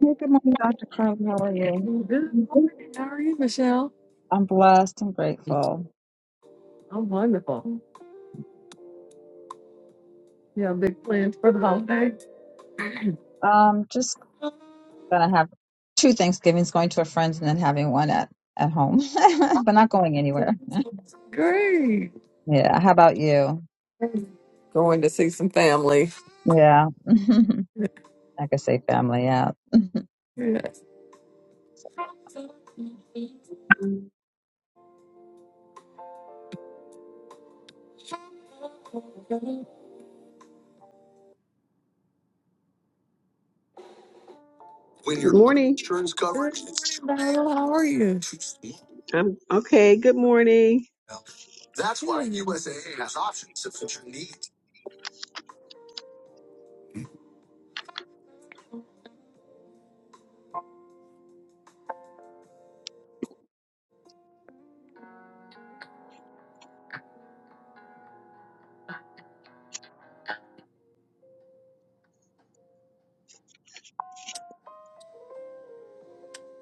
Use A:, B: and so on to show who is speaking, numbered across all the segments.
A: Hey, good morning, Dr. Carmen. How are you?
B: Good morning. How are you, Michelle?
A: I'm blessed and grateful.
B: I'm wonderful. You have big plans for the holiday?
A: Um, just gonna have two Thanksgivings, going to a friend's and then having one at, at home, but not going anywhere.
B: Great.
A: Yeah. How about you?
B: Going to see some family.
A: Yeah. I could say family. Yeah.
B: Yes.
A: Good
C: Good morning.
B: Good is Good morning, Darla. How are you?
C: I'm okay. Good morning.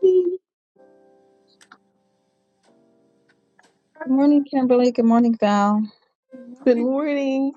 D: Thank
A: morning, Kimberly. Good morning, Val.
B: Good
C: Good
B: morning.
C: morning.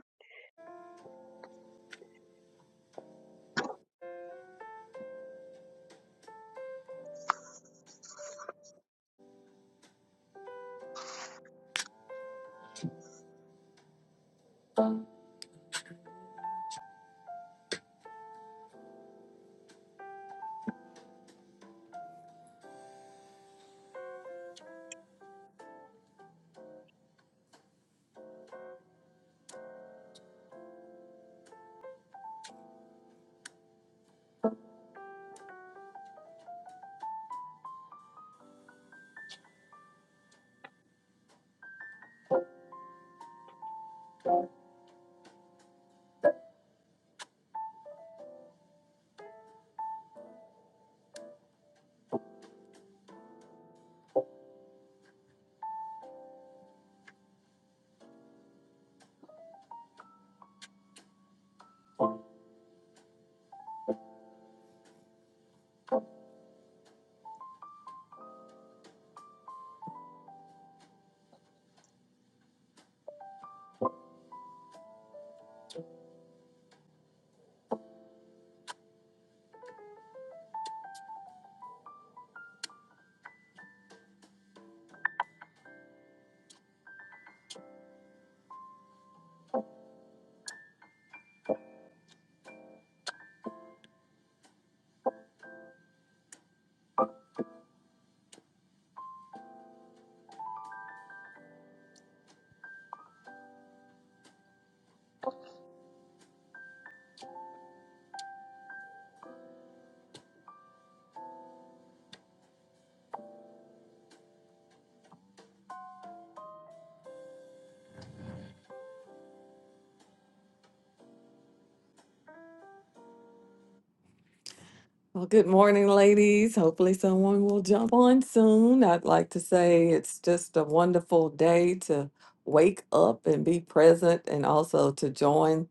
B: Well, good morning, ladies. Hopefully, someone will jump on soon. I'd like to say it's just a wonderful day to wake up and be present and also to join.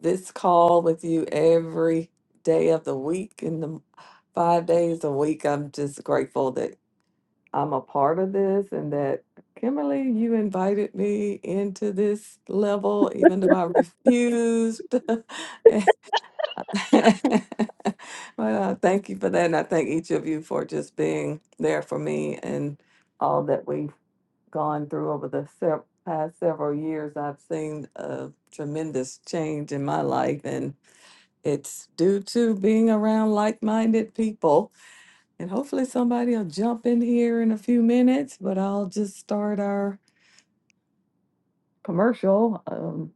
B: this call with you every day of the week and the five days a week. I'm just grateful that I'm a part of this and that Kimberly, you invited me into this level, even though I refused. Well, I thank you for that. And I thank each of you for just being there for me and all that we've gone through over the sev- past several years. I've seen a tremendous change in my life. It's due to being around like minded people. And hopefully, somebody will jump in here in a few minutes, but I'll just start our commercial. Um,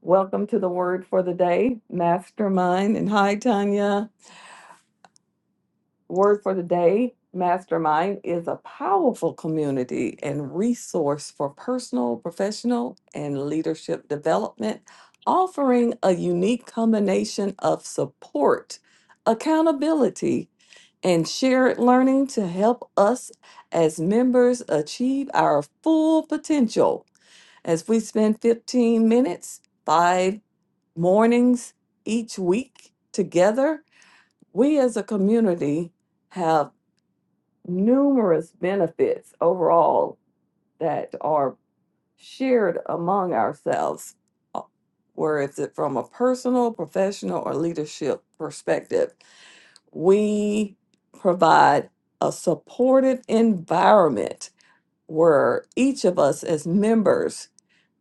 B: welcome to the word for the day, Mastermind. And hi, Tanya. word for the day mastermind is a powerful community and resource for personal professional and leadership development offering a unique combination of support accountability and shared learning to help us as members achieve our full potential as we spend 15 minutes five mornings each week together we as a community have numerous benefits overall that are shared among ourselves, uh, where it's it from a personal, professional, or leadership perspective. We provide a supportive environment where each of us as members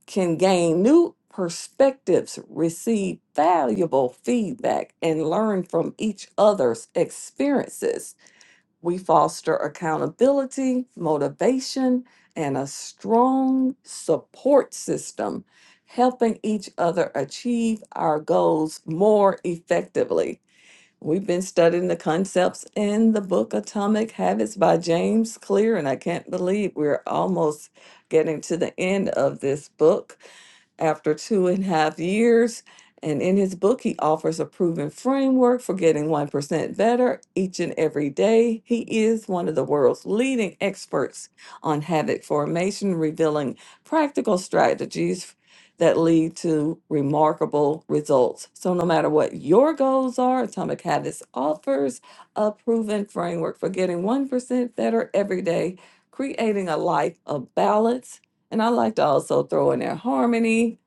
B: can gain new perspectives, receive valuable feedback, and learn from each other's experiences we foster accountability, motivation, and a strong support system, helping each other achieve our goals more effectively. We've been studying the concepts in the book Atomic Habits by James Clear, and I can't believe we're almost getting to the end of this book after two and a half years. And in his book, he offers a proven framework for getting 1% better each and every day. He is one of the world's leading experts on habit formation, revealing practical strategies that lead to remarkable results. So, no matter what your goals are, Atomic Habits offers a proven framework for getting 1% better every day, creating a life of balance. And I like to also throw in there harmony,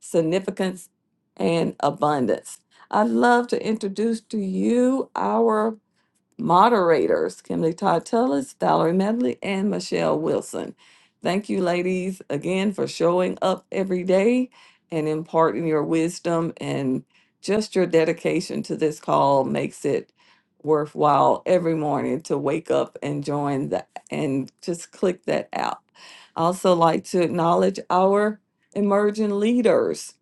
B: significance, and abundance. I'd love to introduce to you our moderators, Kimberly Todd Tullis, Valerie Medley, and Michelle Wilson. Thank you, ladies, again for showing up every day and imparting your wisdom and just your dedication to this call makes it worthwhile every morning to wake up and join the and just click that out. I also like to acknowledge our emerging leaders.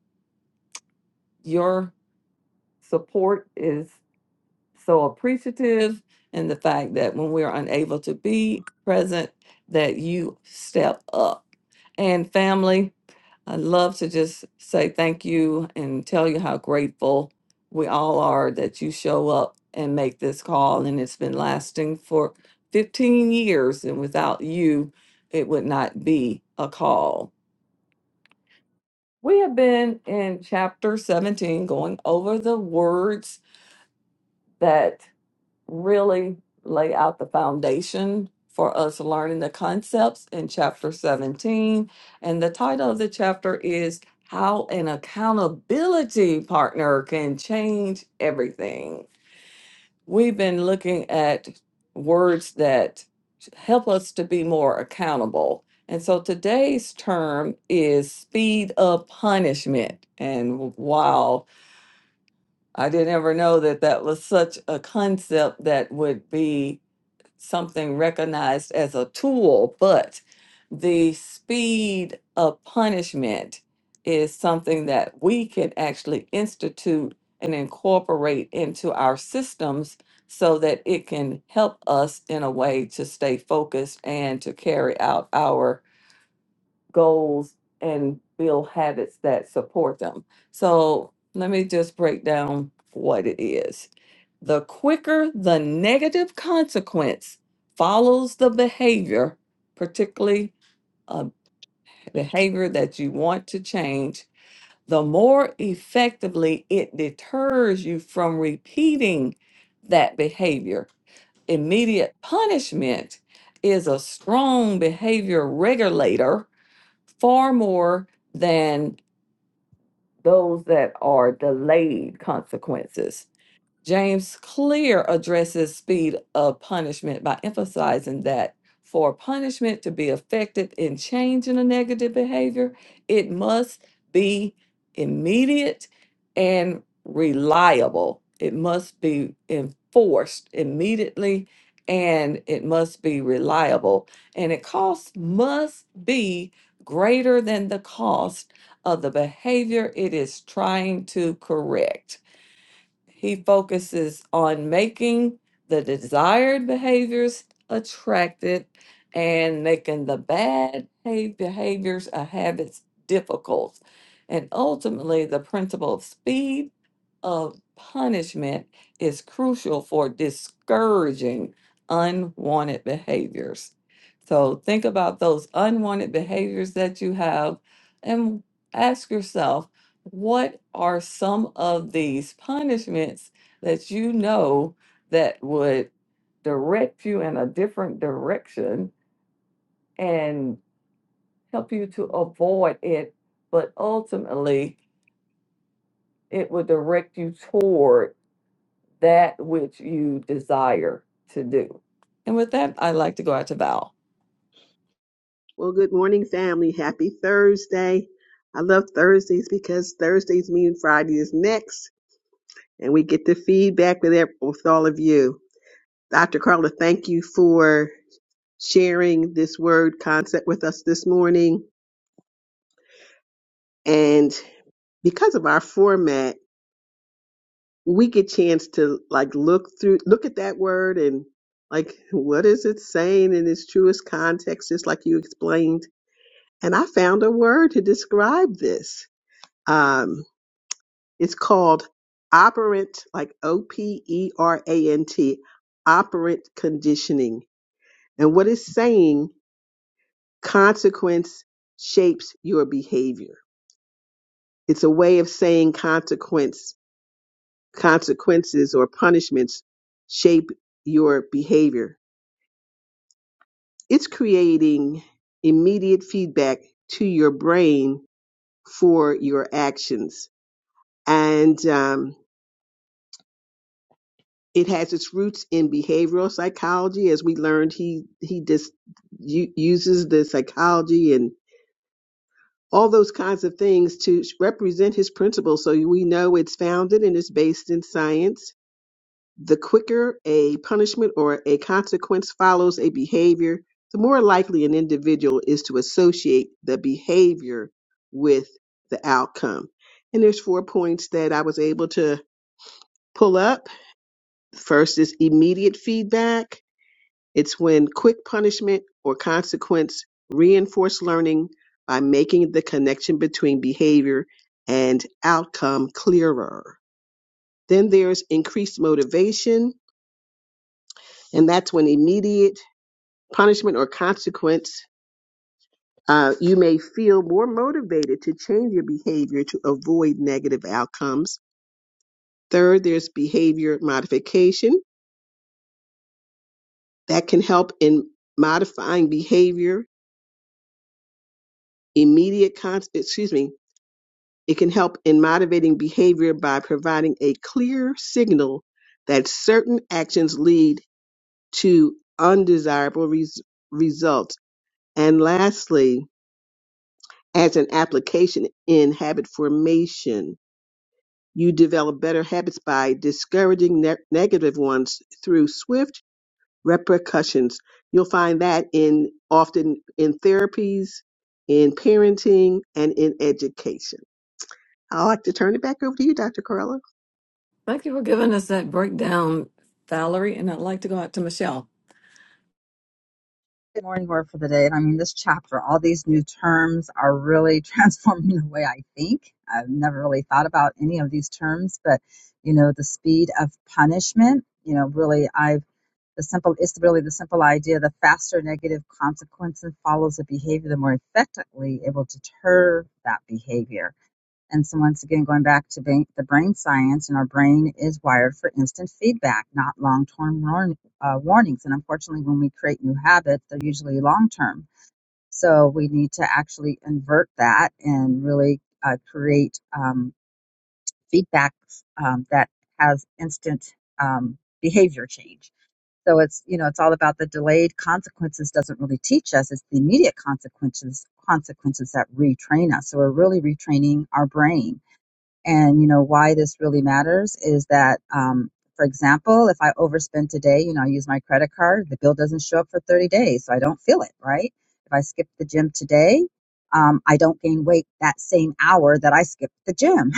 B: Your support is so appreciative and the fact that when we're unable to be present that you step up and family i would love to just say thank you and tell you how grateful we all are that you show up and make this call and it's been lasting for 15 years and without you it would not be a call we have been in chapter 17 going over the words that really lay out the foundation for us learning the concepts in chapter 17. And the title of the chapter is How an Accountability Partner Can Change Everything. We've been looking at words that help us to be more accountable. And so today's term is speed of punishment. And wow, I didn't ever know that that was such a concept that would be something recognized as a tool, but the speed of punishment is something that we can actually institute and incorporate into our systems so that it can help us in a way to stay focused and to carry out our goals and build habits that support them. So let me just break down what it is. The quicker the negative consequence follows the behavior, particularly a behavior that you want to change, the more effectively it deters you from repeating that behavior. Immediate punishment is a strong behavior regulator far more than those that are delayed consequences. James Clear addresses speed of punishment by emphasizing that for punishment to be effective in changing a negative behavior, it must be immediate and reliable. It must be enforced immediately and it must be reliable. And it cost must be greater than the cost of the behavior it is trying to correct. He focuses on making the desired behaviors attractive and making the bad ha- behaviors or habits difficult. And ultimately, the principle of speed of punishment is crucial for discouraging unwanted behaviors. So think about those unwanted behaviors that you have and ask yourself what are some of these punishments that you know that would direct you in a different direction and help you to avoid it, but ultimately it would direct you toward that which you desire to do. And with that, I'd like to go out to Val.
C: Well, good morning, family. Happy Thursday. I love Thursdays because Thursdays mean Friday is next, and we get the feedback with, ev- with all of you. Dr. Carla, thank you for sharing this word concept with us this morning. And because of our format, we get chance to like look through, look at that word and like, what is it saying in its truest context, just like you explained. And I found a word to describe this. Um, it's called operant, like O P E R A N T, operant conditioning. And what it's saying, consequence shapes your behavior. It's a way of saying consequence, consequences or punishments shape your behavior. It's creating immediate feedback to your brain for your actions. And, um, It has its roots in behavioral psychology, as we learned. He he just u- uses the psychology and all those kinds of things to represent his principles. So we know it's founded and it's based in science. The quicker a punishment or a consequence follows a behavior, the more likely an individual is to associate the behavior with the outcome. And there's four points that I was able to pull up. First is immediate feedback It's when quick punishment or consequence reinforce learning by making the connection between behavior and outcome clearer. Then there's increased motivation, and that's when immediate punishment or consequence, uh, you may feel more motivated to change your behavior to avoid negative outcomes. Third, there's behavior modification that can help in modifying behavior. Immediate con- excuse me It can help in motivating behavior by providing a clear signal that certain actions lead to undesirable res- results. And lastly, as an application in habit formation, you develop better habits by discouraging ne- negative ones through swift repercussions. You'll find that in often in therapies, in parenting, and in education. I'd like to turn it back over to you, Dr. Carla.
B: Thank you for giving us that breakdown, Valerie. And I'd like to go out to Michelle.
A: Good morning word for the day. And I mean, this chapter, all these new terms are really transforming the way I think. I've never really thought about any of these terms, but you know, the speed of punishment, you know, really, I've the simple, it's really the simple idea the faster negative consequence follows a behavior, the more effectively it will deter that behavior and so, once again, going back to ba- the brain science, and our brain is wired for instant feedback, not long term warn- uh, warnings. And unfortunately, when we create new habits, they're usually long term. So, we need to actually invert that and really uh, create um, feedback um, that has instant um, behavior change. So it's you know it's all about the delayed consequences doesn't really teach us it's the immediate consequences consequences that retrain us so we're really retraining our brain and you know why this really matters is that, um, for example, if I overspend today, you know I use my credit card, the bill doesn't show up for 30 days, so I don't feel it, right? If I skip the gym today, um, I don't gain weight that same hour that I skipped the gym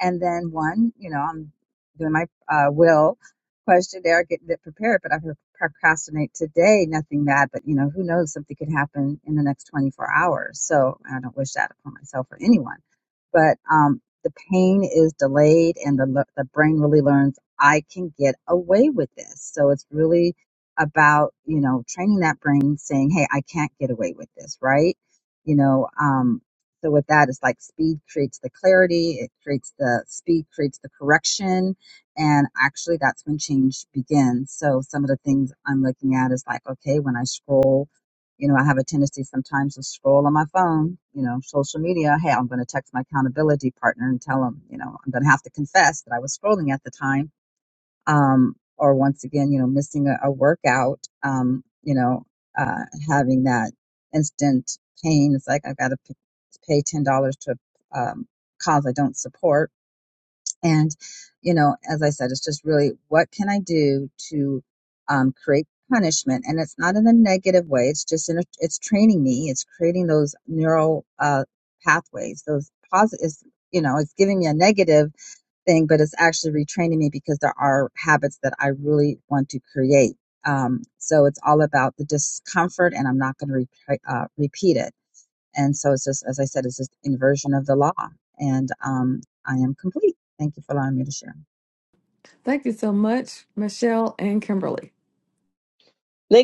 A: and then one, you know, I'm doing my uh, will questionnaire, getting it prepared, but I'm going to procrastinate today, nothing bad, but you know, who knows, something could happen in the next 24 hours. So I don't wish that upon myself or anyone. But um, the pain is delayed and the, le- the brain really learns I can get away with this. So it's really about, you know, training that brain saying, hey, I can't get away with this, right? You know, um, so with that, it's like speed creates the clarity, it creates the speed creates the correction, and actually that's when change begins. So some of the things I'm looking at is like, okay, when I scroll, you know, I have a tendency sometimes to scroll on my phone, you know, social media. Hey, I'm going to text my accountability partner and tell him, you know, I'm going to have to confess that I was scrolling at the time um, or once again, you know, missing a, a workout, um, you know, uh, having that instant pain. It's like I've got to p- pay ten dollars to a um, cause I don't support, and you know, as I said, it's just really what can I do to um, create punishment, and it's not in a negative way. It's just in a, it's training me. It's creating those neural uh, pathways, those positive. You know, it's giving me a negative thing, but it's actually retraining me because there are habits that I really want to create. Um, so it's all about the discomfort, and I'm not going to re- uh, repeat it. And so it's just, as I said, it's just inversion of the law. And um, I am complete. Thank you for allowing me to share.
B: Thank you so much, Michelle and Kimberly.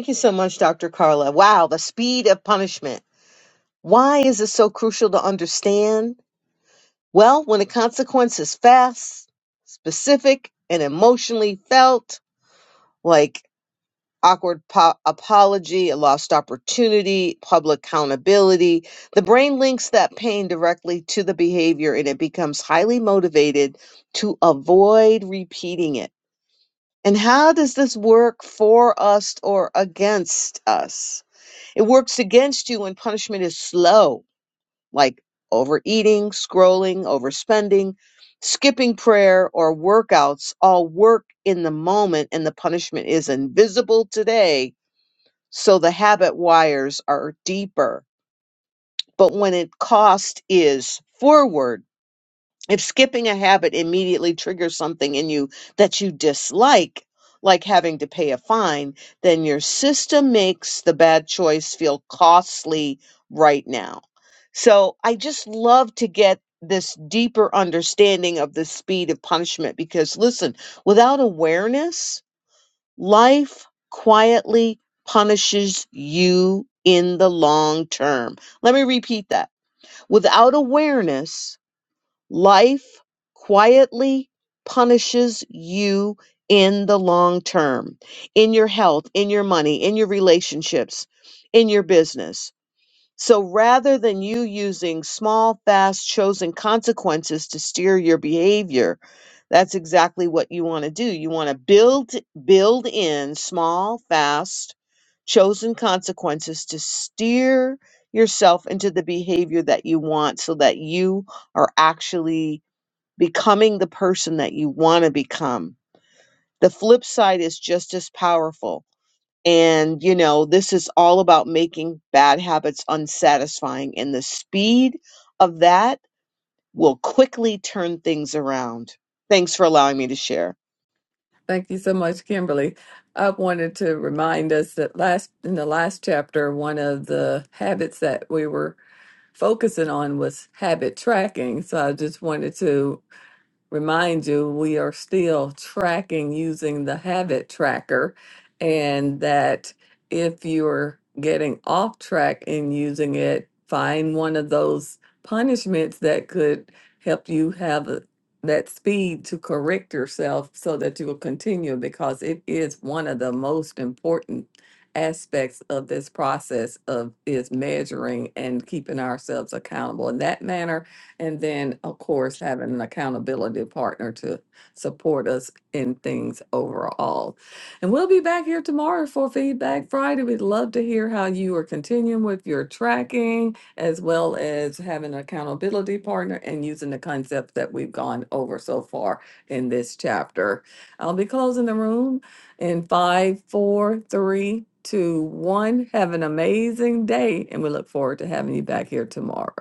D: you so much, Dr. Carla. Wow, the speed of punishment. Why is it so crucial to understand? Well, when the consequence is fast, specific, and emotionally felt, like awkward po- apology, a lost opportunity, public accountability, the brain links that pain directly to the behavior and it becomes highly motivated to avoid repeating it. And how does this work for us or against us? It works against you when punishment is slow, like overeating, scrolling, overspending, skipping prayer, or workouts, all work in the moment, and the punishment is invisible today. So the habit wires are deeper. But when it cost is forward, if skipping a habit immediately triggers something in you that you dislike, like having to pay a fine, then your system makes the bad choice feel costly right now. So I just love to get this deeper understanding of the speed of punishment because listen, without awareness, life quietly punishes you in the long term. Let me repeat that. Without awareness, Life quietly punishes you in the long term, in your health, in your money, in your relationships, in your business. So rather than you using small, fast, chosen consequences to steer your behavior, that's exactly what you want to do. You want to build build in small, fast, chosen consequences to steer yourself into the behavior that you want so that you are actually becoming the person that you want to become. The flip side is just as powerful and, you know, this is all about making bad habits unsatisfying. And the speed of that will quickly turn things around. Thanks for allowing me to share.
B: Thank you so much, Kimberly. I wanted to remind us that last in the last chapter, one of the habits that we were focusing on was habit tracking. So I just wanted to remind you, we are still tracking using the habit tracker, and that if you're getting off track in using it, find one of those punishments that could help you have a- that speed to correct yourself so that you will continue because it is one of the most important aspects of this process of is measuring and keeping ourselves accountable in that manner and then, of course, having an accountability partner to support us in things overall. And we'll be back here tomorrow for Feedback Friday. We'd love to hear how you are continuing with your tracking as well as having an accountability partner and using the concepts that we've gone over so far in this chapter. I'll be closing the room in five, four, three, two, one. Have an amazing day, and we look forward to having you back here tomorrow.